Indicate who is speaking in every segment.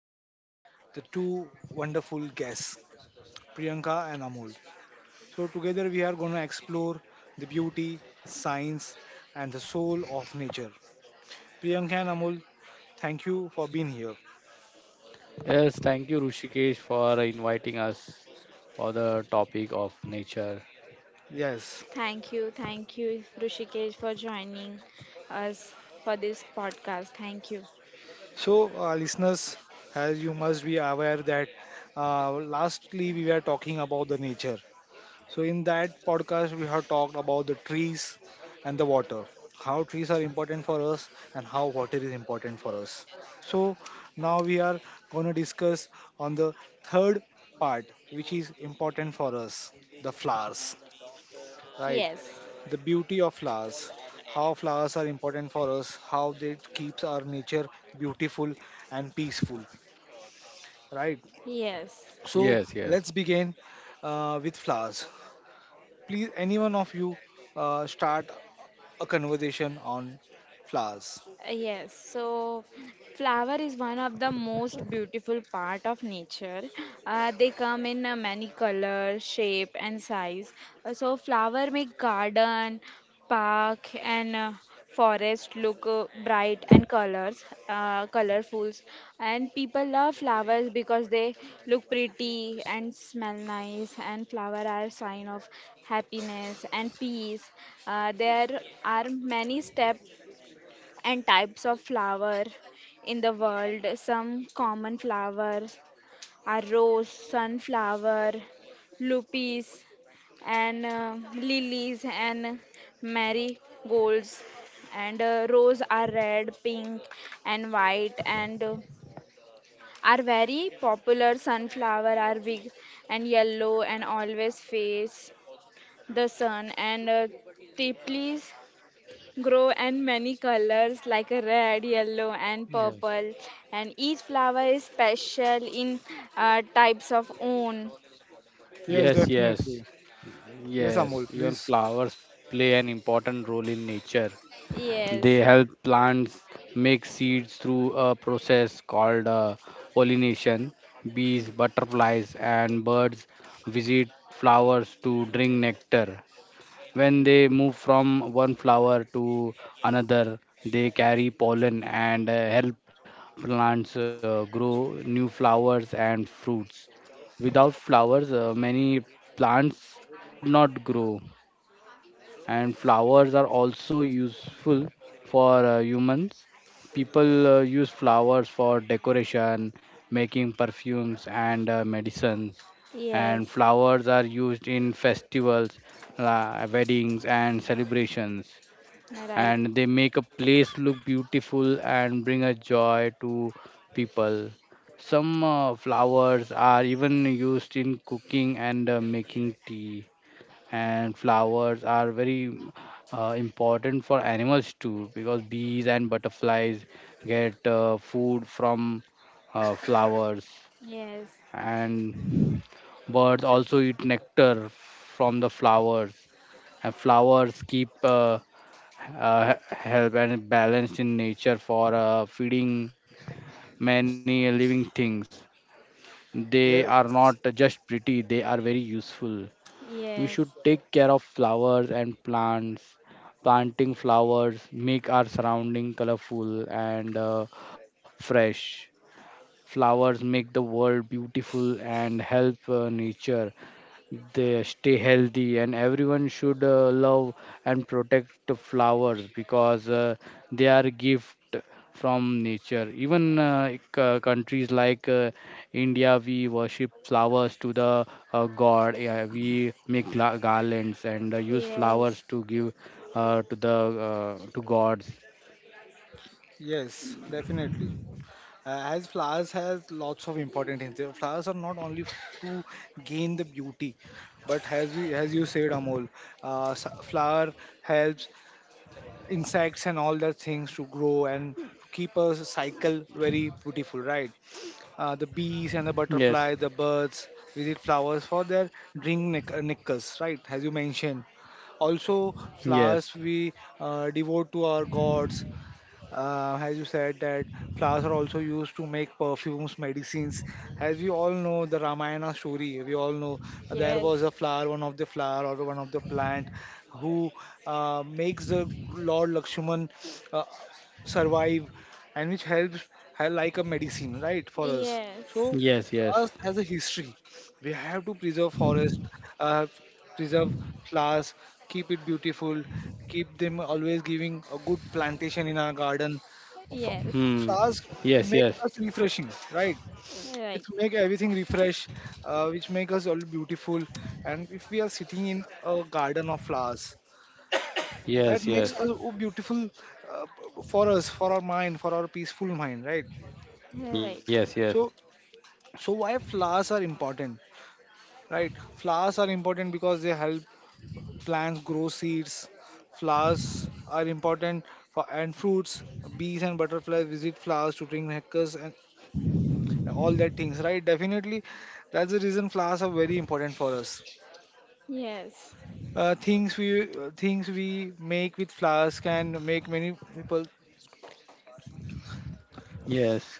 Speaker 1: by the two wonderful guests, Priyanka and Amol. So, together we are going to explore the beauty, science, and the soul of nature. Priyanka and Amol, thank you for being here.
Speaker 2: Yes, thank you, Rushikesh, for inviting us for the topic of nature.
Speaker 1: Yes.
Speaker 3: Thank you, Rushikesh, for joining us for this podcast. Thank you.
Speaker 1: So, listeners, as you must be aware that lastly we were talking about the nature. So, in that podcast, we have talked about the trees and the water, how trees are important for us and how water is important for us. So, now we are going to discuss on the third part, which is important for us, the flowers, right?
Speaker 3: Yes,
Speaker 1: The beauty of flowers, how flowers are important for us, how they keeps our nature beautiful and peaceful, right?
Speaker 3: yes.
Speaker 1: So,
Speaker 2: Yes, yes,
Speaker 1: let's begin with flowers. Please, anyone of you start a conversation on flowers.
Speaker 3: Yes, so flower is one of the most beautiful part of nature. They come in many color, shape, and size. So flower make garden, park, and forest look bright and colorful. And people love flowers because they look pretty and smell nice. And flower are sign of happiness and peace. There are many steps and types of flower in the world. Some common flowers are rose, sunflower, lupis, and lilies and marigolds. And rose are red, pink, and white, and are very popular. Sunflower are big and yellow, and always face the sun. And tiplis grow in many colors like a red, yellow, and
Speaker 2: yes,
Speaker 3: purple, and each flower is special in types of own.
Speaker 1: Yes,
Speaker 2: yes, yes,
Speaker 1: definitely. Yes,
Speaker 2: yes.
Speaker 1: Amol,
Speaker 2: Even
Speaker 1: please.
Speaker 2: flowers play an important role in nature. They
Speaker 3: Yes,
Speaker 2: help plants make seeds through a process called pollination. Bees, butterflies, and birds visit flowers to drink nectar. When they move from one flower to another, they carry pollen and help plants grow new flowers and fruits. Without flowers, many plants would not grow, and flowers are also useful for humans. People use flowers for decoration, making perfumes and medicines,
Speaker 3: yes,
Speaker 2: and flowers are used in festivals, weddings, and celebrations,
Speaker 3: right.
Speaker 2: and they make a place look beautiful and bring a joy to people. Some flowers are even used in cooking and making tea, and flowers are very important for animals too, because bees and butterflies get food from flowers,
Speaker 3: Yes,
Speaker 2: and birds
Speaker 1: Yes.
Speaker 2: also eat nectar from the flowers, and flowers keep help and balanced in nature for feeding many living things. They are
Speaker 1: Yes,
Speaker 2: not just pretty, they are very useful. We should
Speaker 3: yes,
Speaker 2: take care of flowers and plants. Planting flowers make our surrounding colorful and fresh. Flowers make the world beautiful and help nature. They stay healthy, and everyone should love and protect the flowers, because they are gift from nature. Even countries like india, we worship flowers to the god. Yeah, we make garlands and use flowers
Speaker 3: yes,
Speaker 2: to give to the to gods.
Speaker 1: yes, definitely. As flowers has lots of important things. The Flowers are not only to gain the beauty, but as we, as you said, Amol, flower helps insects and all that things to grow and keep a cycle very beautiful, right? The bees and the
Speaker 2: Yes
Speaker 1: butterfly, the birds visit flowers for their drink nickels, right? As you mentioned. Also,
Speaker 2: yes
Speaker 1: flowers we devote to our gods, as you said that flowers are also used to make perfumes medicines, as we all know the ramayana story we all know, there was
Speaker 3: yes,
Speaker 1: a flower, one of the flower or one of the plant who makes the lord lakshman uh, survive and which helps like a medicine, right, for us.
Speaker 3: yes,
Speaker 1: So
Speaker 2: yes
Speaker 1: for
Speaker 2: yes
Speaker 1: us has a history. We have to preserve forest, uh, preserve flowers, keep it beautiful, keep them always giving a good plantation in our garden. Of-
Speaker 3: yes,
Speaker 2: hmm
Speaker 1: Flowers
Speaker 2: yes
Speaker 1: make
Speaker 2: yes
Speaker 1: us refreshing, right?
Speaker 3: right,
Speaker 1: It make everything refresh, which make us all beautiful. And if we are sitting in a garden of flowers, that
Speaker 2: yes
Speaker 1: makes us,
Speaker 2: yes
Speaker 1: oh,
Speaker 3: yes,
Speaker 1: beautiful uh, for us, for our mind, for our peaceful mind, right?
Speaker 3: right,
Speaker 2: yes yes
Speaker 1: So, why flowers are important, right? Flowers are important because they help Plants grow seeds, flowers are important for and fruits. Bees and butterflies visit flowers to drink nectar and all that things, right? Definitely, that's the reason flowers are very important for us.
Speaker 3: yes,
Speaker 1: Things we things we make with flowers can make many people.
Speaker 2: Yes.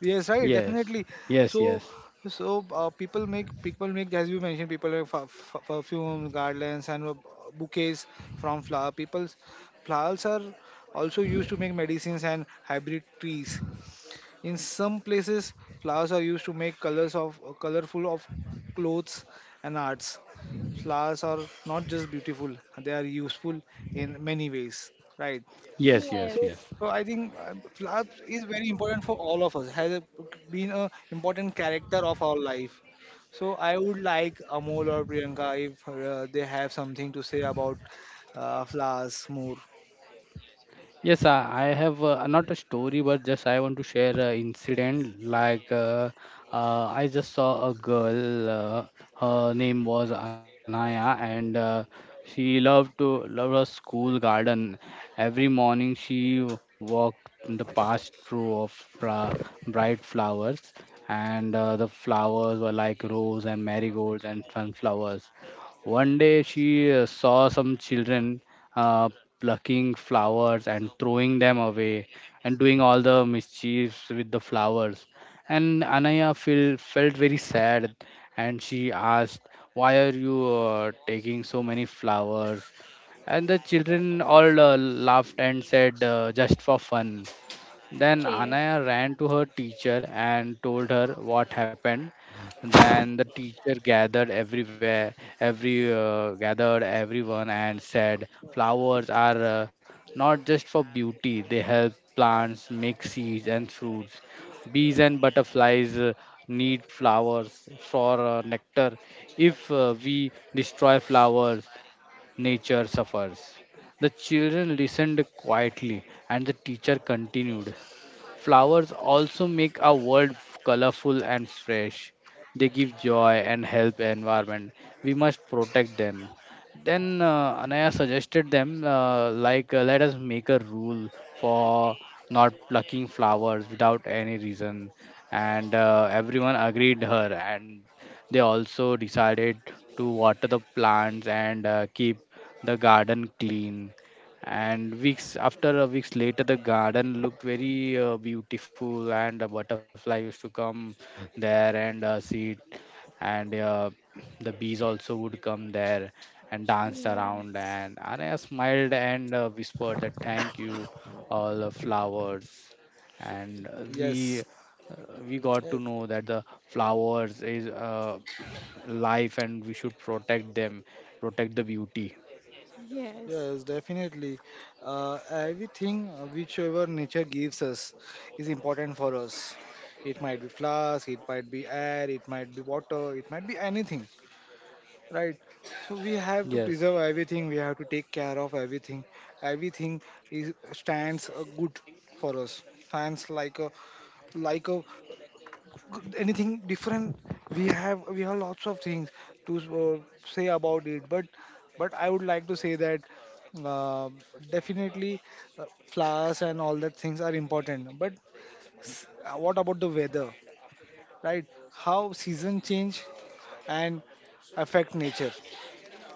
Speaker 1: Yes, right,
Speaker 2: Yes,
Speaker 1: definitely.
Speaker 2: yes,
Speaker 1: So,
Speaker 2: yes,
Speaker 1: people make, people make, as you mentioned, people make perfume, garlands, and bouquets from flower. People's flowers are also used to make medicines and hybrid trees. In some places, flowers are used to make colors of colorful of clothes and arts. Flowers are not just beautiful; they are useful in many ways. Right.
Speaker 2: yes, yes,
Speaker 1: So,
Speaker 3: yes,
Speaker 2: yes.
Speaker 1: I think flower is very important for all of us. Has been a important character of our life. So I would like Amol or Priyanka if they have something to say about flowers more.
Speaker 2: Yes, I have not a story, but just I want to share an incident. I just saw a girl, her name was Anaya, and she loved to love her school garden. Every morning, she walked in the past row of bright flowers, and the flowers were like rose and marigolds and sunflowers. One day she saw some children uh, plucking flowers and throwing them away and doing all the mischiefs with the flowers. And felt very sad, and she asked, "Why are you taking so many flowers?" And the children all laughed and said, "Just for fun." Then
Speaker 3: okay,
Speaker 2: Anaya ran to her teacher and told her what happened. Then the teacher gathered everywhere, every gathered everyone and said, "Flowers are not just for beauty; they help plants make seeds and fruits. Bees and butterflies need flowers for nectar. If we destroy flowers, nature suffers." The children listened quietly, and the teacher continued. "Flowers also make our world colorful and fresh. They give joy and help environment. We must protect them." Then Anaya suggested them let us make a rule for not plucking flowers without any reason, and everyone agreed her, and they also decided to water the plants and keep the garden clean. And weeks after a weeks later, the garden looked very beautiful, and a butterfly used to come there and see it, and the bees also would come there and danced around.
Speaker 3: yes,
Speaker 2: And Anaya smiled and whispered that thank you, all the flowers. And
Speaker 1: Yes.
Speaker 2: we got to
Speaker 1: Yes,
Speaker 2: know that the flowers is life, and we should protect them, protect the beauty.
Speaker 3: yes.
Speaker 1: yes, definitely. Everything whichever nature gives us is important for us. It might be flowers, it might be air, it might be water, it might be anything. Right. So we have to
Speaker 2: Yes.
Speaker 1: preserve everything. We have to take care of everything. Everything is stands good for us. Stands like a, like a good- anything different. We have lots of things to say about it. But, I would like to say that uh, definitely flowers and all that things are important. But what about the weather? Right? How season change and affect nature,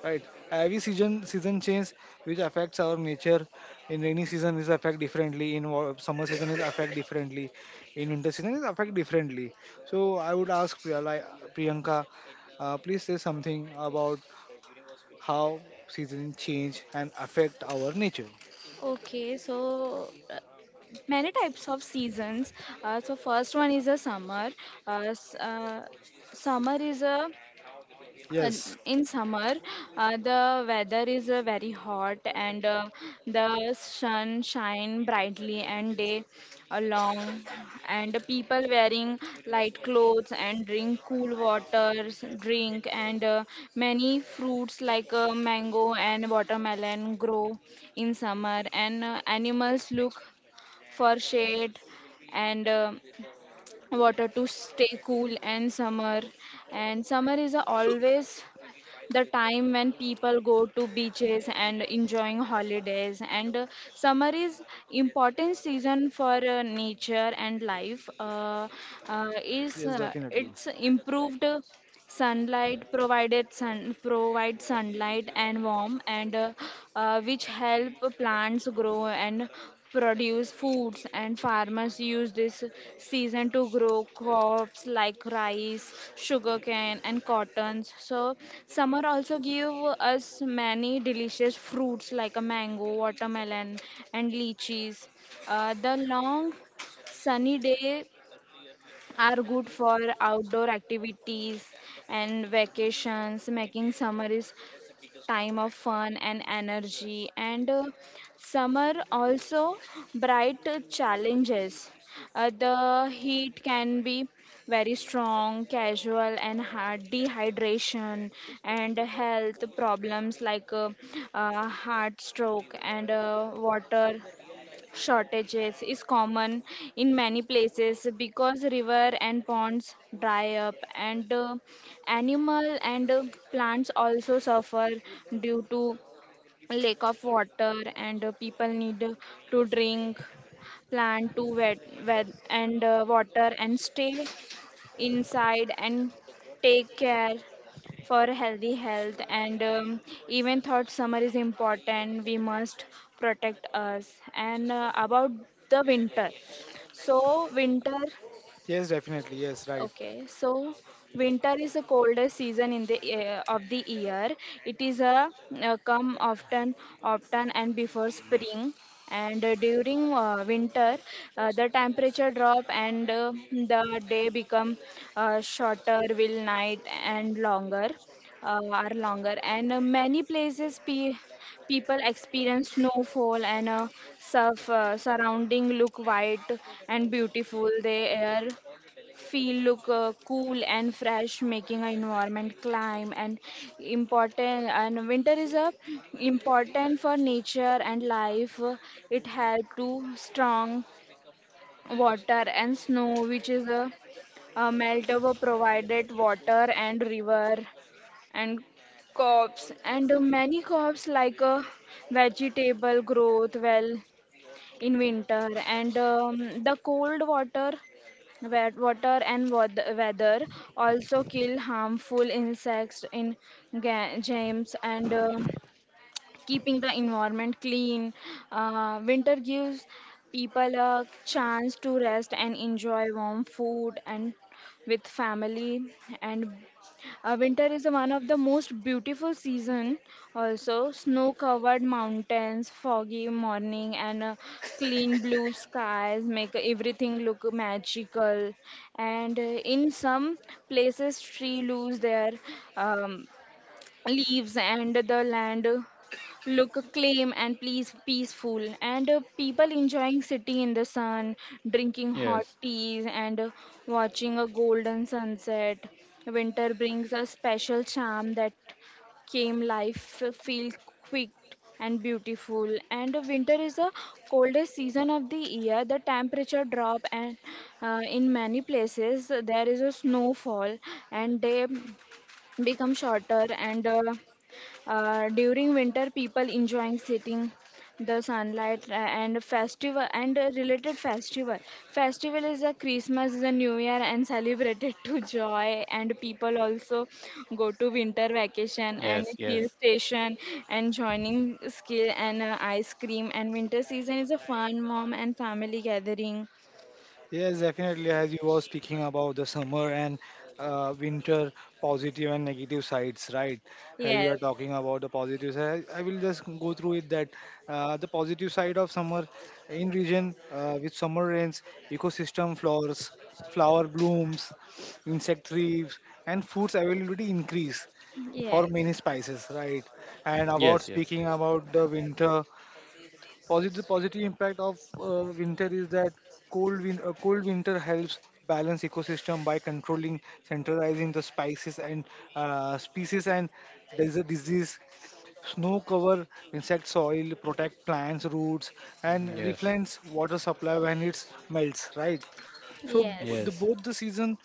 Speaker 1: right? Every season, season change, which affects our nature. In rainy season is affect differently, in summer season is affect differently, in winter season is affect differently. So I would ask priyanka, please say something about how season change and affect our nature.
Speaker 3: Okay, so many types of seasons. So first one is a summer. Uh, s- uh, Summer is a uh,
Speaker 1: Yes,
Speaker 3: in summer the weather is very hot, and the sun shine brightly and day long, and people wearing light clothes and drink cool waters drink, and many fruits like mango and watermelon grow in summer, and animals look for shade and water to stay cool. And summer is always the time when people go to beaches and enjoying holidays. And Summer is important season for nature and life. Is
Speaker 1: yes, definitely.
Speaker 3: It's improved. Sun provides sunlight and warmth, and which help plants grow and produce foods. And farmers use this season to grow crops like rice, sugarcane, and cottons. So summer also give us many delicious fruits like a mango, watermelon, and lychees. The long sunny day are good for outdoor activities and vacations, making summer is time of fun and energy. And summer also bright challenges. The heat can be very strong, casual, and heart dehydration, and health problems like heart stroke, and water shortages is common in many places because river and ponds dry up, and animal and plants also suffer due to lack of water, and people need to drink plant to wet, and water and stay inside and take care for healthy health. And Even thought summer is important, we must protect us. And About the winter. So winter.
Speaker 1: Yes, definitely. Yes, right.
Speaker 3: Okay, so winter is the coldest season in the year. It is a, come often, often and before spring. And during winter, the temperature drop, and the day become shorter, will night and longer are longer. And many places people experience snowfall, and surf surrounding look white and beautiful. They are feel look cool and fresh, making our environment climb and important. And winter is a important for nature and life. It had to strong water and snow, which is a melt over provided water and river and crops, and many crops like a vegetable growth well in winter. And The cold water wet water and weather also kill harmful insects in gems, and keeping the environment clean. Winter gives people a chance to rest and enjoy warm food and with family. And winter is one of the most beautiful season. Also snow covered mountains, foggy morning, and clean blue skies make everything look magical. And in some places trees lose their um, leaves, and the land look calm and please peaceful. And people enjoying sitting in the sun drinking hot
Speaker 2: Yes,
Speaker 3: teas, and watching a golden sunset. Winter brings a special charm that came life feel quick and beautiful. And winter is the coldest season of the year. The temperature drop, and in many places there is a snowfall, and day become shorter, and during winter people enjoying sitting the sunlight and festival, and related festival festival is a Christmas, is a new year, and celebrated to joy. And people also go to winter vacation
Speaker 2: yes,
Speaker 3: and
Speaker 2: yes.
Speaker 3: hill station and joining skill, and ice cream, and winter season is a fun mom and family gathering.
Speaker 1: Yes, definitely. As you were speaking about the summer and winter positive and negative sides, right? As you are
Speaker 3: Yes,
Speaker 1: talking about the positive side, I will just go through it that the positive side of summer in region with summer rains, ecosystem flowers, flower blooms, insect thrives, and foods availability increase for
Speaker 3: yes,
Speaker 1: many spices, right? And about
Speaker 2: Yes, yes,
Speaker 1: speaking about the winter. Positive, impact of winter is that cold winter helps balance ecosystem by controlling, centralizing the spices and species and there's a disease. Snow cover insect soil, protect plants, roots, and
Speaker 2: Mm, yes,
Speaker 1: replenish water supply when it melts, right? So
Speaker 3: yes,
Speaker 1: the
Speaker 2: yes,
Speaker 1: both the season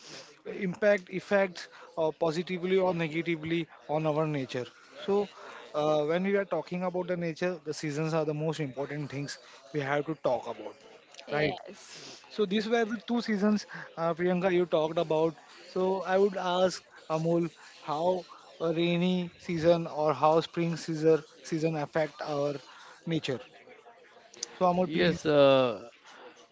Speaker 1: impact effects positively or negatively on our nature. So when we are talking about the nature, the seasons are the most important things we have to talk about, right?
Speaker 3: yes,
Speaker 1: So these were the two seasons, Priyanka, you talked about. So I would ask Amol how a rainy season or how spring season affect our nature. So Amol, please.
Speaker 2: yes.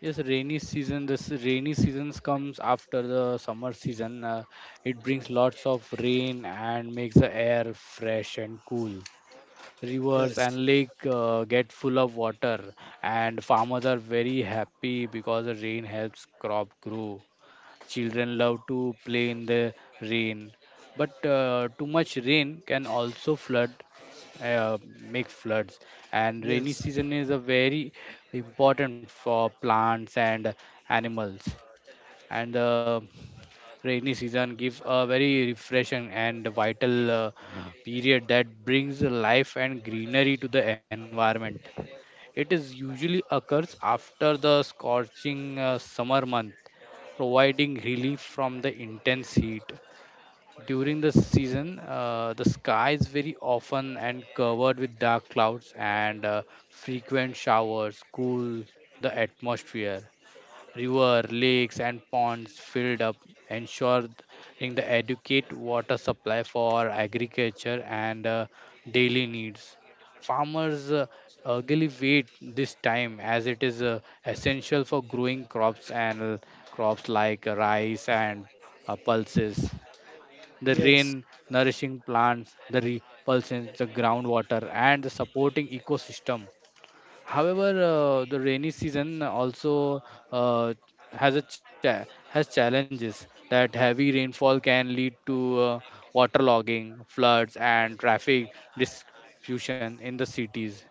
Speaker 2: Yes, rainy season. This rainy seasons comes after the summer season. It brings lots of rain and makes the air fresh and cool. Rivers
Speaker 1: Yes,
Speaker 2: and lake get full of water, and farmers are very happy because the rain helps crop grow. Children love to play in the rain, but too much rain can also make floods. And rainy
Speaker 1: yes,
Speaker 2: season is a very important for plants and animals. And rainy season gives a very refreshing and vital period that brings life and greenery to the environment. It is usually occurs after the scorching summer month, providing relief from the intense heat. During the season, the sky is very often and covered with dark clouds, and frequent showers cool the atmosphere. River, lakes, and ponds filled up, ensuring the adequate water supply for agriculture and daily needs. Farmers eagerly wait this time as it is essential for growing crops, and crops like rice and pulses. The
Speaker 1: yes,
Speaker 2: rain nourishing plants, the repulsing the groundwater, and the supporting ecosystem. However, the rainy season also uh, has has challenges that heavy rainfall can lead to water logging, floods, and traffic disruption in the cities.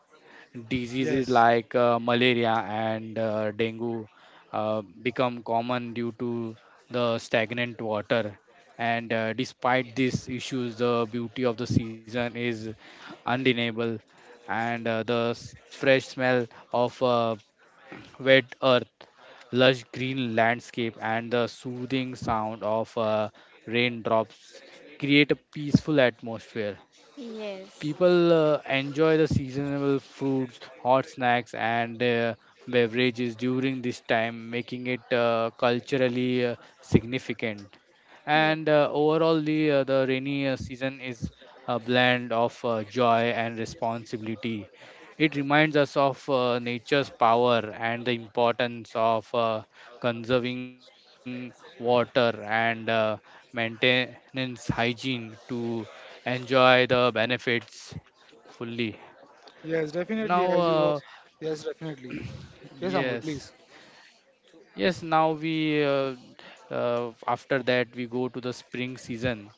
Speaker 2: Diseases
Speaker 1: yes,
Speaker 2: like malaria and dengue become common due to the stagnant water. And despite these issues, the beauty of the season is undeniable, and fresh smell of wet earth, lush green landscape, and the soothing sound of raindrops create a peaceful atmosphere.
Speaker 3: yes,
Speaker 2: People enjoy the seasonal fruits, hot snacks, and beverages during this time, making it culturally significant.
Speaker 3: yes.
Speaker 2: And overall, the rainy season is a blend of joy and responsibility. It reminds us of nature's power and the importance of conserving water and maintenance hygiene to enjoy the benefits fully.
Speaker 1: yes, definitely.
Speaker 2: Now,
Speaker 1: As you, were, yes, definitely. Yes, Amol,
Speaker 2: yes,
Speaker 1: please.
Speaker 2: yes. Now we After that we go to the spring season.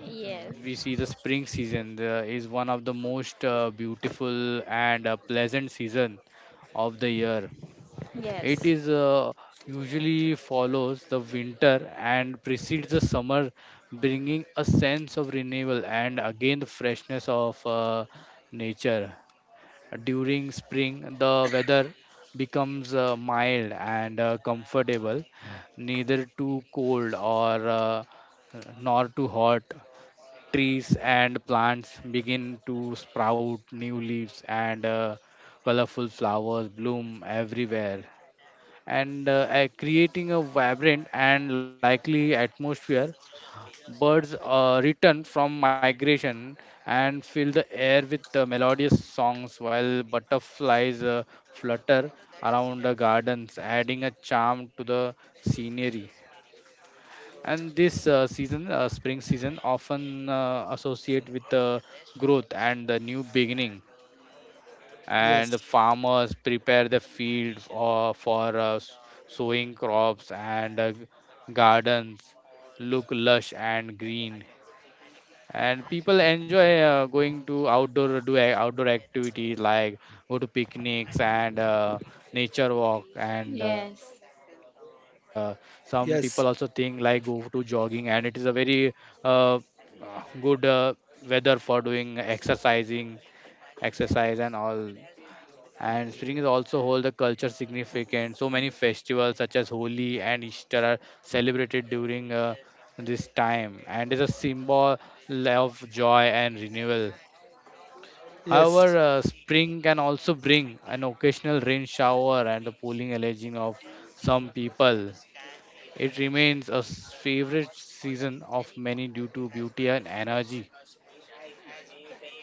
Speaker 3: Yes.
Speaker 2: We see the spring season is one of the most beautiful and pleasant season of the year. It
Speaker 3: Yes.
Speaker 2: is usually follows the winter and precedes the summer, bringing a sense of renewal and again the freshness of nature. During spring, the weather becomes mild and comfortable, neither too cold or nor too hot. Trees and plants begin to sprout new leaves, and colorful flowers bloom everywhere, and creating a vibrant and lively atmosphere. Birds return from migration and fill the air with melodious songs, while butterflies flutter around the gardens, adding a charm to the scenery. And this season, spring season, often associate with growth and the new beginning. And
Speaker 1: Yes,
Speaker 2: the farmers prepare the fields sowing crops, and gardens look lush and green, and people enjoy going to outdoor do a- outdoor activities like go to picnics and nature walk, and
Speaker 3: Yes.
Speaker 2: some people also think like go to
Speaker 1: yes,
Speaker 2: jogging, and it is a very uh, good weather for doing exercising exercise and all. And spring is also hold the culture significant. So many festivals such as Holi and Easter are celebrated during this time, and is a symbol of joy and renewal.
Speaker 1: yes.
Speaker 2: However, spring can also bring an occasional rain shower and the pooling alleging of some people. It remains favorite season of many due to beauty and energy.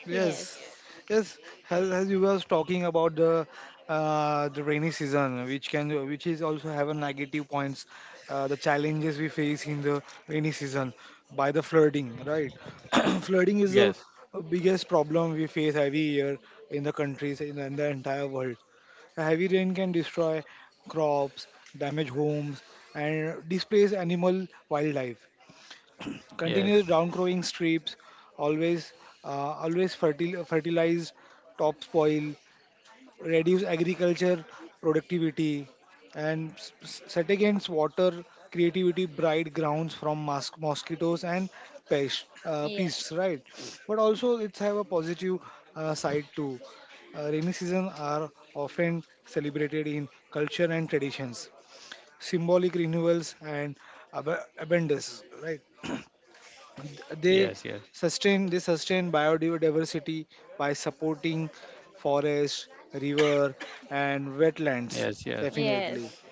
Speaker 1: Yes,
Speaker 3: Yes.
Speaker 1: yes. As, you was talking about the rainy season, which can, which is also have a negative points, the challenges we face in the rainy season by the flooding, right? Flooding is the
Speaker 2: Yes,
Speaker 1: biggest problem we face every year in the countries in, the entire world. A heavy rain can destroy crops, damage homes, and displace animal wildlife continuous
Speaker 2: yes,
Speaker 1: downcrowing strips, always uh, fertilized topsoil, reduce agriculture productivity, and set against water creativity bright grounds from mosquitoes and pests,
Speaker 3: Yes.
Speaker 1: right? But also it's have a positive side too. Rainy season are often celebrated in culture and traditions, symbolic renewals and abundance, right? they
Speaker 2: yes, yes,
Speaker 1: sustain they sustain biodiversity by supporting forest, river, and wetlands,
Speaker 2: yes, yes,
Speaker 1: definitely.
Speaker 3: Yes.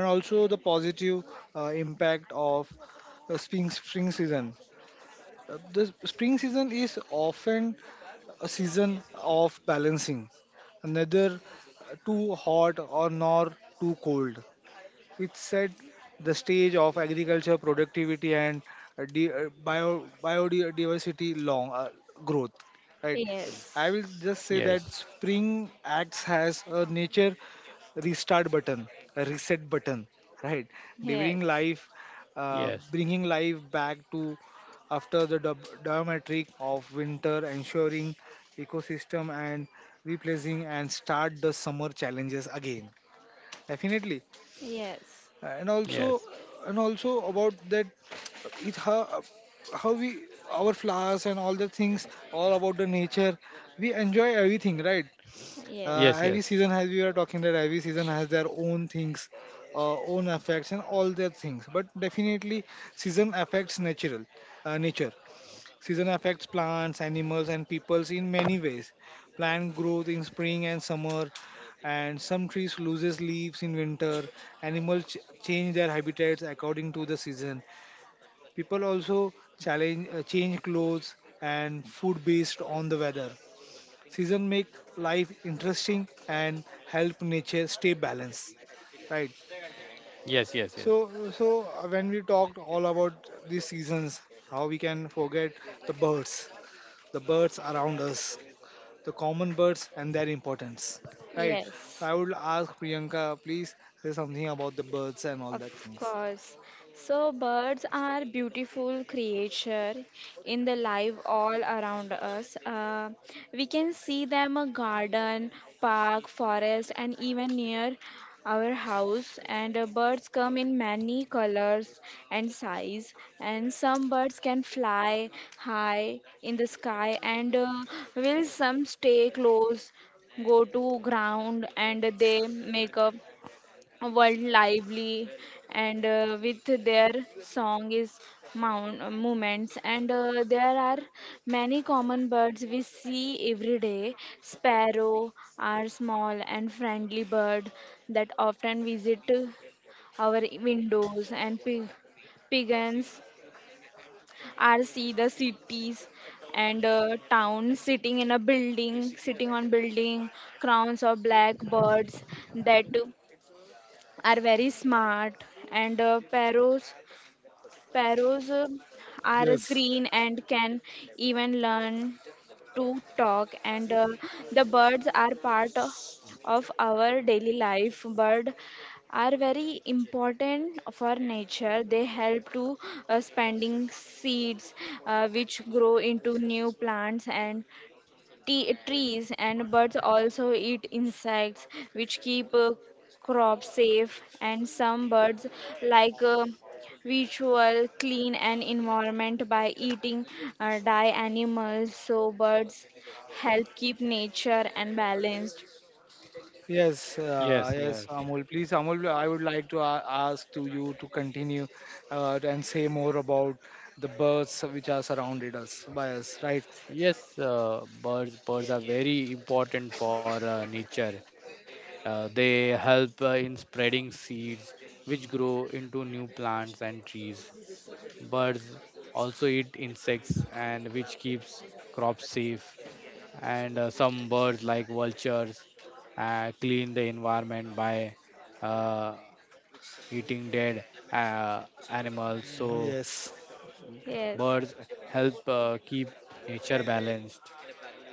Speaker 1: And also the positive impact of spring season. The spring season is often a season of balancing, neither too hot or nor too cold, which set the stage of agriculture productivity and bio biodiversity long growth, right?
Speaker 3: Yes.
Speaker 1: I will just say that
Speaker 2: yes,
Speaker 1: spring acts has a nature restart button, a reset button, right? During
Speaker 3: Yes.
Speaker 1: life,
Speaker 2: yes,
Speaker 1: bringing life back to after the diametric of winter, ensuring ecosystem and replacing and start the summer challenges again, definitely.
Speaker 3: Yes.
Speaker 1: And also,
Speaker 2: yes.
Speaker 1: about that, it, how we, our flowers and all the things all about the nature, we enjoy everything, right?
Speaker 3: Yes.
Speaker 1: Uh, every
Speaker 2: Yes, yes,
Speaker 1: season, as we are talking, that every season has their own things, own effects and all their things, but definitely season affects natural, nature. Season affects plants, animals, and peoples in many ways. Plant growth in spring and summer, and some trees loses leaves in winter. Animals change their habitats according to the season. People also change clothes and food based on the weather. Season make life interesting and help nature stay balanced. Right.
Speaker 2: yes, yes,
Speaker 1: So,
Speaker 2: yes,
Speaker 1: when we talked all about these seasons, how we can forget the birds, the birds around us, the common birds and their importance, right? So
Speaker 3: Yes.
Speaker 1: I would ask Priyanka, please say something about the birds and all that
Speaker 3: Of
Speaker 1: things.
Speaker 3: course. So birds are beautiful creature in the life all around us. We can see them a garden, park, forest, and even near our house. And birds come in many colors and size. And some birds can fly high in the sky, and will some stay close, go to ground, and they make a world lively. And with their song is movements. And there are many common birds we see every day. Sparrow are small and friendly bird that often visit our windows. And pigeons are see the cities and towns, sitting on building. Crowns of black birds that are very smart. And parrots are
Speaker 1: Yes,
Speaker 3: green and can even learn to talk. And the birds are part of our daily life. Bird are very important for nature. They help to spending seeds, which grow into new plants and trees. And birds also eat insects, which keep crops safe. And some birds, like visual, clean an environment by eating die animals. So birds help keep nature and balanced.
Speaker 1: yes, yes,
Speaker 2: yes,
Speaker 1: Amol.
Speaker 2: yes,
Speaker 1: Please, Amol, I would like to ask to you to continue and say more about the birds which are surrounded us by us, right?
Speaker 2: yes. Birds are very important for nature. They help in spreading seeds, which grow into new plants and trees. Birds also eat insects, and which keeps crops safe. And some birds, like vultures, clean the environment by uh, eating dead uh, animals. So
Speaker 1: Yes.
Speaker 3: Yes,
Speaker 2: birds help keep nature balanced,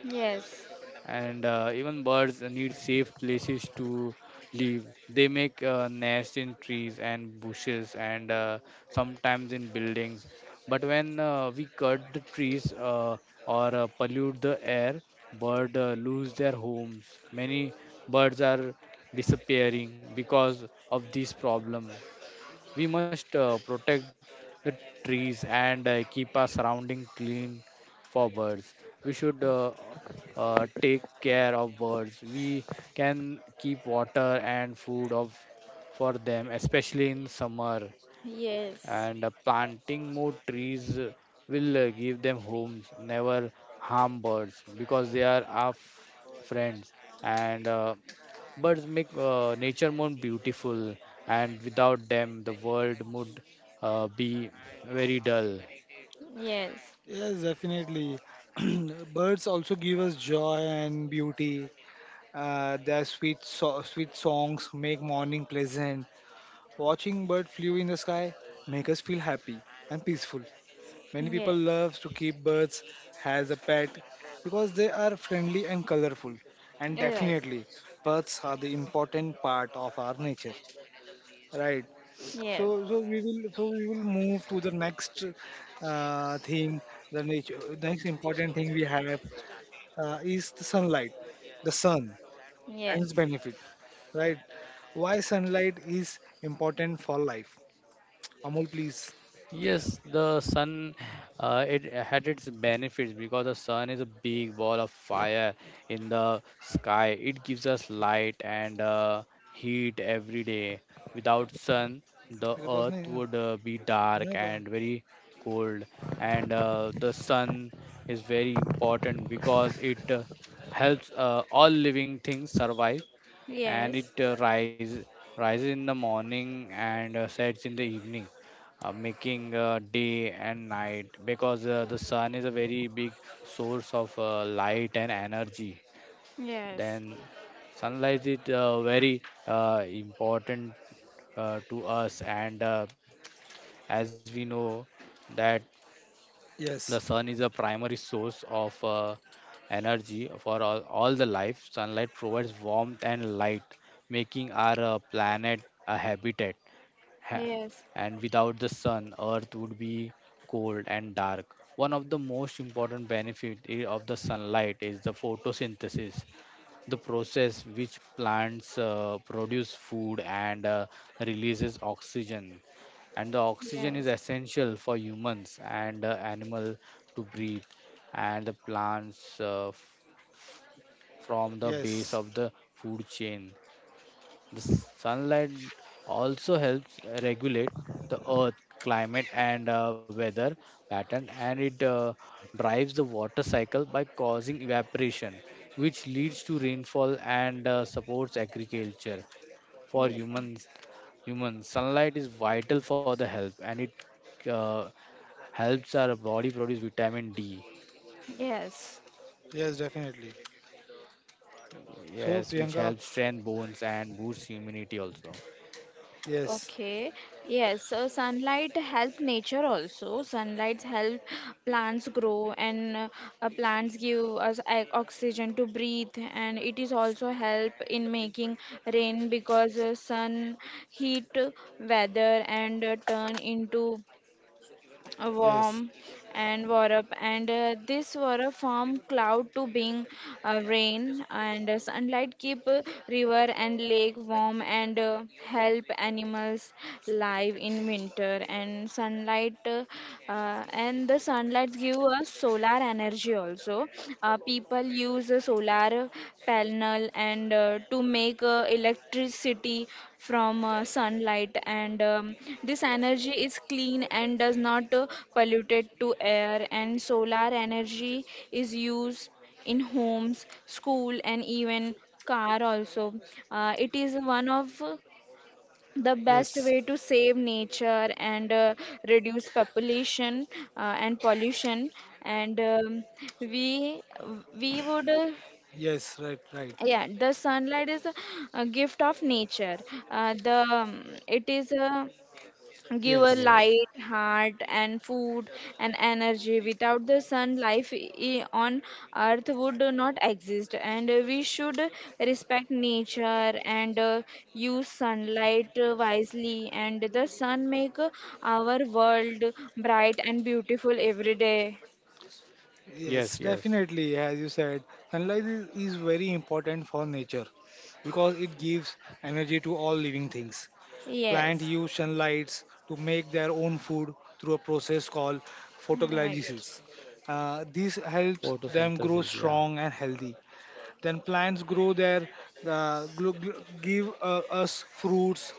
Speaker 3: yes,
Speaker 2: and even birds need safe places to live. They make nests in trees and bushes, and sometimes in buildings. But when we cut the trees or pollute the air, birds lose their homes. Many birds are disappearing because of this problem. We must protect the trees and keep our surrounding clean for birds. We should take care of birds. We can keep water and food of for them, especially in summer.
Speaker 3: yes,
Speaker 2: And planting more trees will give them homes. Never harm birds because they are our friends. And birds make nature more beautiful, and without them, the world would be very dull.
Speaker 3: yes,
Speaker 1: Yes, definitely. Birds also give us joy and beauty. Uh, their sweet songs make morning pleasant. Watching bird flew in the sky make us feel happy and peaceful. Many people
Speaker 3: yes,
Speaker 1: love to keep birds as a pet because they are friendly and colorful. And
Speaker 3: right,
Speaker 1: definitely, birds are the important part of our nature. Right.
Speaker 3: yes,
Speaker 1: So, so we will, move to the next thing. The nature, next important thing we have is the sunlight, the sun and
Speaker 3: yes,
Speaker 1: its benefit. Right. Why sunlight is important for life? Amol, please.
Speaker 2: Yes, the sun, it had its benefits, because the sun is a big ball of fire in the sky. It gives us light and heat every day. Without sun, the
Speaker 1: मेरे पास
Speaker 2: earth
Speaker 1: नहीं है,
Speaker 2: would be dark
Speaker 1: मैं तो
Speaker 2: and very cold. And the sun is very important because it helps all living things survive, and
Speaker 3: yes,
Speaker 2: it rises in the morning and sets in the evening, making day and night, because the sun is a very big source of light and energy.
Speaker 3: yes,
Speaker 2: Then sunlight is very important to us, and as we know that the
Speaker 1: yes,
Speaker 2: sun is a primary source of energy for all the life. Sunlight provides warmth and light, making our planet a Ha-
Speaker 3: yes,
Speaker 2: and without the sun earth would be cold and dark. One of the most important benefits of the sunlight is the photosynthesis, the process which plants produce food and releases oxygen, and the oxygen is
Speaker 3: yes,
Speaker 2: essential for humans and animal to breathe, and the plants f- from the
Speaker 1: yes,
Speaker 2: base of the food chain. The sunlight also helps regulate the earth climate and weather pattern, and it drives the water cycle by causing evaporation, which leads to rainfall and supports agriculture for
Speaker 3: yes. Yes.
Speaker 2: humans. Human sunlight is vital for the health, and it uh, helps our body produce vitamin d,
Speaker 3: Yes.
Speaker 1: Yes, definitely.
Speaker 2: yes,
Speaker 1: so
Speaker 2: which helps
Speaker 1: Priyanka,
Speaker 2: strengthen bones and boosts immunity also.
Speaker 1: Yes,
Speaker 3: Okay. Yes. So sunlight help nature also. Sunlight help plants grow, and plants give us oxygen to breathe. And it is also help in making rain, because sun heat weather and turn into a
Speaker 1: yes,
Speaker 3: warm and warm up. And this were a from cloud to being rain. And sunlight keep river and lake warm, and help animals live in winter. And the sunlight give us solar energy also. People use solar panel, and to make electricity from sunlight. And This energy is clean, and does not pollute to air. And solar energy is used in homes, school, and even car also. It is one of the
Speaker 1: yes.
Speaker 3: best way to save nature, and reduce population and pollution. And we we would
Speaker 1: Yes, right, right.
Speaker 3: Yeah, the sunlight is a gift of nature. The It is a give a
Speaker 1: Yes,
Speaker 2: yes
Speaker 3: light heart and food and energy. Without the sun life on earth would not exist, and we should respect nature and use sunlight wisely. And the sun make our world bright and beautiful every day.
Speaker 2: yes
Speaker 1: yes,
Speaker 2: yes
Speaker 1: definitely. As you said, sunlight is, very important for nature because it gives energy to all living things. Plants
Speaker 3: Yes,
Speaker 1: use sunlights to make their own food through a process called
Speaker 3: right,
Speaker 1: photoglycolysis. This helps them
Speaker 2: Photosynthesis,
Speaker 1: grow
Speaker 2: yeah.
Speaker 1: strong and healthy. Then plants grow their give us fruits,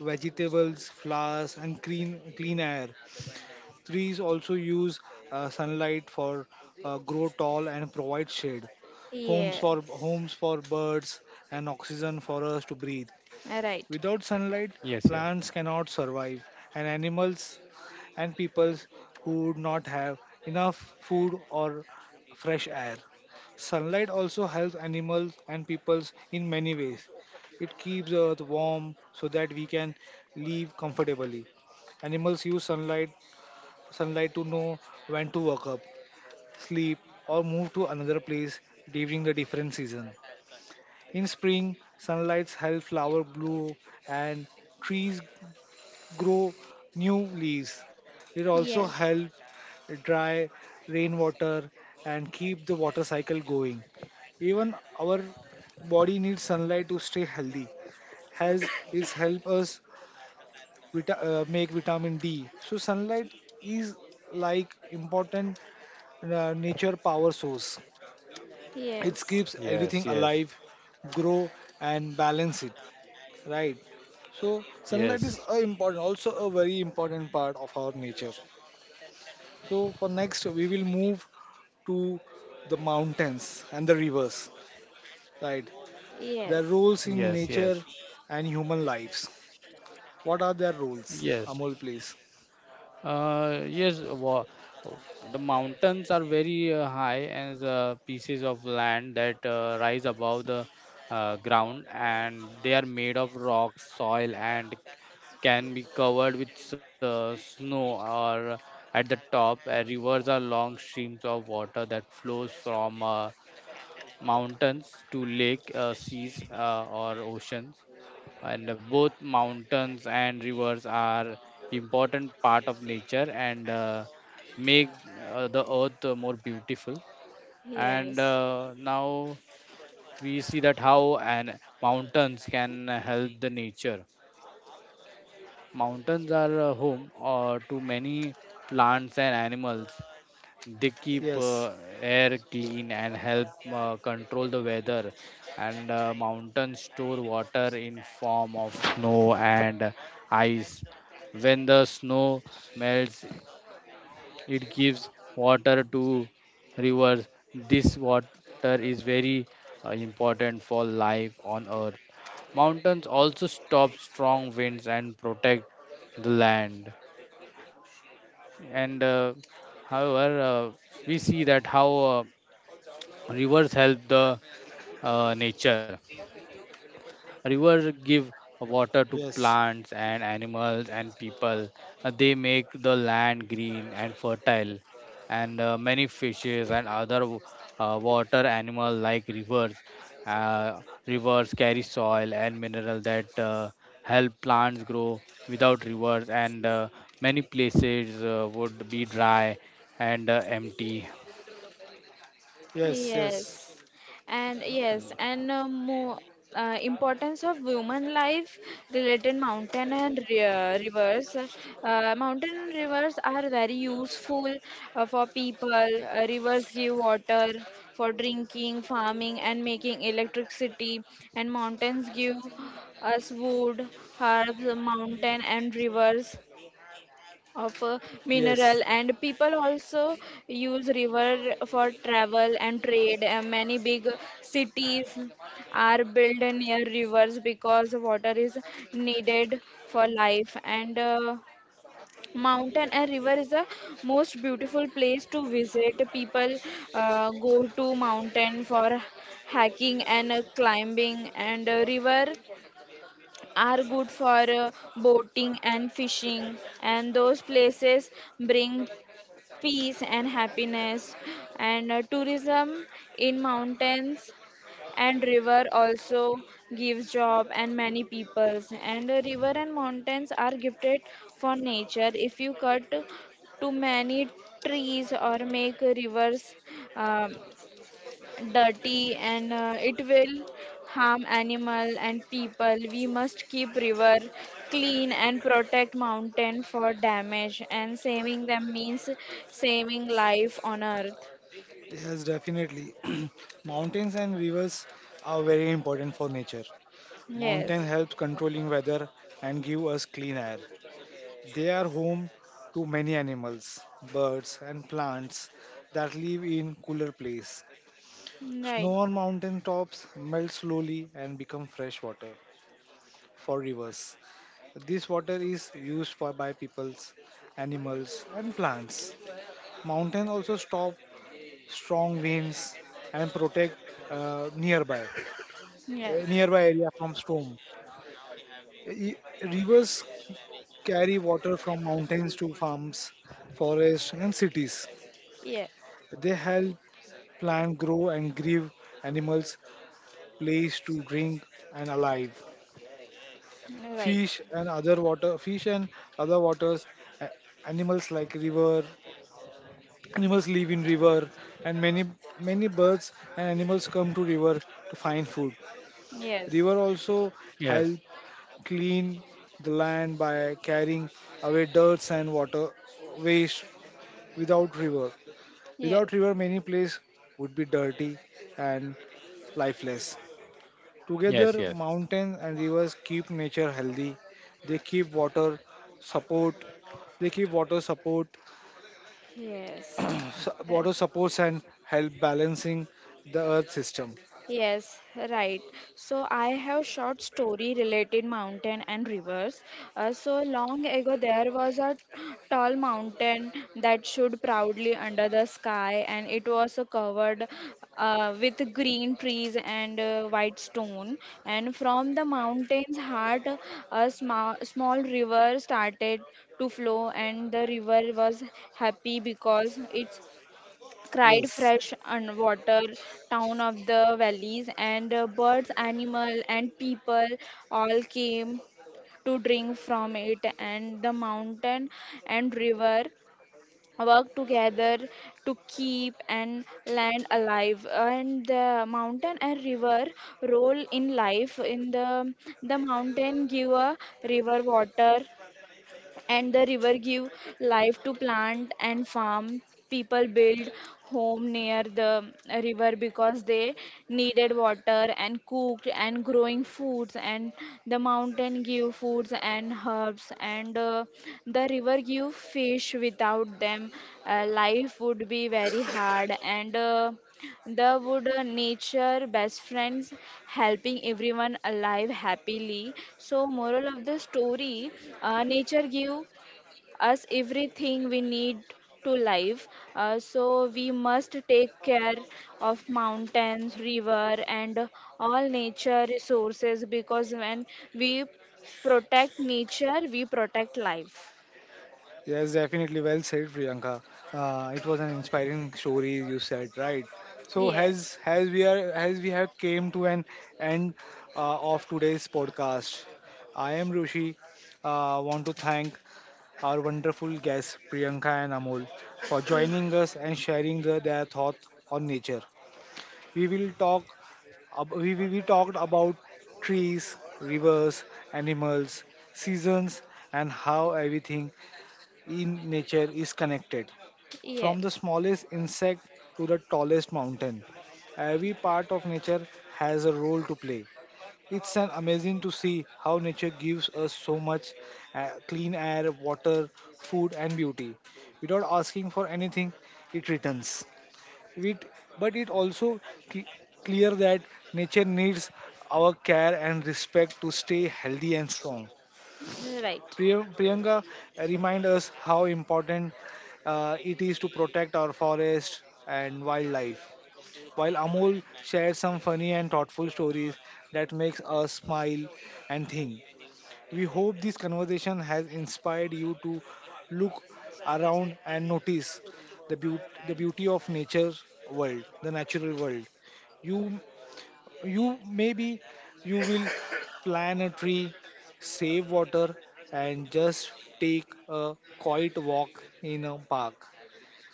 Speaker 1: vegetables, flowers, and clean air. Trees also use sunlight for grow tall and provide shade, homes for,
Speaker 3: yes,
Speaker 1: birds, and oxygen for us to breathe.
Speaker 3: right.
Speaker 1: Without sunlight,
Speaker 2: yes yes
Speaker 1: plants cannot survive, and animals and peoples who would not have enough food or fresh air. Sunlight also helps animals and peoples in many ways. It keeps the earth warm so that we can live comfortably. Animals use sunlight to know when to wake up, sleep, or move to another place during the different season. In spring, sunlight helps flowers bloom and trees grow new leaves. It also
Speaker 3: Yes.
Speaker 1: help dry rainwater and keep the water cycle going. Even our body needs sunlight to stay healthy. Has is help us vita- Make vitamin D. So sunlight is like important nature power source. It
Speaker 3: Yes,
Speaker 1: keeps
Speaker 2: yes
Speaker 1: everything
Speaker 2: yes
Speaker 1: alive, grow and balance it. Right. So sunlight
Speaker 2: yes
Speaker 1: is a important, also a very important part of our nature. So for next, we will move to the mountains and the rivers, right? Their
Speaker 3: yes,
Speaker 1: roles in
Speaker 2: yes yes
Speaker 1: nature and human lives. What are their roles?
Speaker 2: yes
Speaker 1: Amol, please.
Speaker 2: yes wa- The mountains are very high and pieces of land that rise above the ground, and they are made of rocks, soil, and can be covered with snow or at the top. Rivers are long streams of water that flows from mountains to lake seas or oceans, and both mountains and rivers are important part of nature, and make the earth more beautiful. And
Speaker 3: yes,
Speaker 2: now we see that how and mountains can help the nature. Mountains are a home to many plants and animals. They keep
Speaker 1: Yes,
Speaker 2: air clean and help control the weather. And mountains store water in form of snow and ice. When the snow melts, it gives water to rivers. This water is very important for life on Earth. Mountains also stop strong winds and protect the land. And however we see that how rivers help the nature. Rivers give water to
Speaker 1: yes,
Speaker 2: plants and animals and people. They make the land green and fertile. And many fishes and other water animals like rivers. Uh, Rivers carry soil and mineral that help plants grow. Without rivers, and many places would be dry and empty.
Speaker 1: yes,
Speaker 3: yes,
Speaker 1: yes,
Speaker 3: and yes, and more importance of women life related mountain and rivers. Mountain and rivers are very useful for people. Rivers give water for drinking, farming, and making electricity, and mountains give us wood, herbs, mountain, and rivers of mineral.
Speaker 1: yes,
Speaker 3: And people also use river for travel and trade, and many big cities are built near rivers because water is needed for life. And mountain and river is the most beautiful place to visit. People go to mountain for hiking and climbing, and river are good for boating and fishing, and those places bring peace and happiness. And tourism in mountains and river also gives job and many peoples. And river and mountains are gifted for nature. If you cut too many trees or make rivers um, dirty, and it will harm animal and people. We must keep river clean, and protect mountain for damage, and saving them means saving life on earth.
Speaker 1: yes, definitely. Mountains and rivers are very important for nature.
Speaker 3: Yes,
Speaker 1: Mountain helps controlling weather and give us clean air. They are home to many animals, birds, and plants that live in cooler place.
Speaker 3: right,
Speaker 1: Snow on mountain tops melts slowly and become fresh water for rivers. This water is used for by peoples, animals and plants. Mountains also stop strong winds and protect uh, nearby
Speaker 3: yes,
Speaker 1: nearby area from storm. E- Rivers carry water from mountains to farms, forests and cities.
Speaker 3: yes,
Speaker 1: They help plant grow and give animals place to drink and alive.
Speaker 3: right,
Speaker 1: Fish and other water fish and other waters a- animals like river animals live in river, and many birds and animals come to river to find food.
Speaker 3: yes,
Speaker 1: River also
Speaker 2: yes
Speaker 1: help clean the land by carrying away dirts and water waste. without river
Speaker 3: yes,
Speaker 1: Without river many place would be dirty and lifeless. Together
Speaker 2: yes yes
Speaker 1: mountains and rivers keep nature healthy. they keep water support They give water support,
Speaker 3: yes.
Speaker 1: water supports and help balancing the earth system.
Speaker 3: Yes, right. So I have short story related mountain and rivers. So long ago there was a tall mountain that stood proudly under the sky, and it was covered with green trees and white stone. And from the mountain's heart a small, small river started to flow, and the river was happy because it's cried
Speaker 1: Yes.
Speaker 3: fresh and water town of the valleys. And birds, animal, and people all came to drink from it. And the mountain and river work together to keep and land alive. And the mountain and river role in life in the mountain give a river water, and the river give life to plant and farm. People build home near the river because they needed water and cooked and growing foods. And the mountain give foods and herbs, and the river give fish. Without them life would be very hard. And the wood nature best friends, helping everyone alive happily. So moral of the story, nature give us everything we need to live. So we must take care of mountains, river, and all nature resources, because when we protect nature, we protect life.
Speaker 1: Yes, definitely. Well said, Priyanka. It was an inspiring story you said, right? So as
Speaker 3: Yes.
Speaker 1: as we are, as we have came to an end of today's podcast, I am Rishi. Want to thank our wonderful guests Priyanka and Amol for joining us and sharing the, their thoughts on nature. We will talk. We talked about trees, rivers, animals, seasons, and how everything in nature is connected. From the
Speaker 3: Yes.
Speaker 1: smallest insect to the tallest mountain, every part of nature has a role to play. It's an amazing to see how nature gives us so much clean air, water, food, and beauty. Without asking for anything, it returns. It, but it also cl- clear that nature needs our care and respect to stay healthy and strong.
Speaker 3: Right.
Speaker 1: Priyanka, remind us how important it is to protect our forest and wildlife. While Amol shared some funny and thoughtful stories that makes us smile and think. We hope this conversation has inspired you to look around and notice the beauty of the natural world. You you maybe you will plant a tree, save water, and just take a quiet walk in a park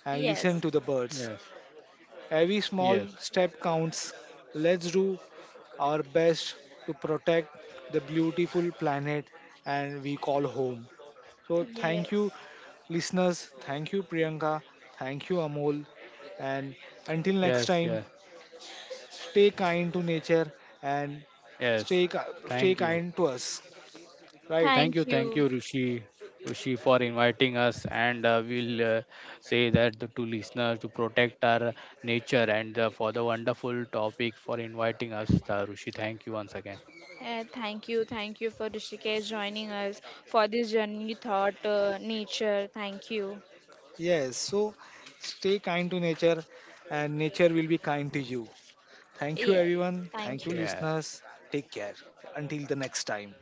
Speaker 1: and listen
Speaker 3: Yes.
Speaker 1: to the birds.
Speaker 2: yes
Speaker 1: Every small
Speaker 2: yes
Speaker 1: step counts. Let's do our best to protect the beautiful planet and we call home. So thank you,
Speaker 3: Yes.
Speaker 1: listeners. Thank you, Priyanka. Thank you, Amol. And until
Speaker 2: yes yes
Speaker 1: next time, stay kind to nature and
Speaker 2: yes Thank
Speaker 1: stay
Speaker 2: you.
Speaker 1: kind to us, right?
Speaker 2: Thank you,
Speaker 3: Thank
Speaker 2: thank you,
Speaker 3: you.
Speaker 2: Rishi, for inviting us. And we'll say that the to listeners to protect our nature, and for the wonderful topic for inviting us, Rishi. Thank you once again.
Speaker 3: Thank you, thank you for Rishikesh joining us for this journey thought nature. Thank you.
Speaker 1: Yes, so stay kind to nature and nature will be kind to you. Thank you
Speaker 3: Yes,
Speaker 1: everyone. Thank
Speaker 3: thank
Speaker 1: you
Speaker 3: you.
Speaker 2: Yeah.
Speaker 1: listeners. Take care until the next time.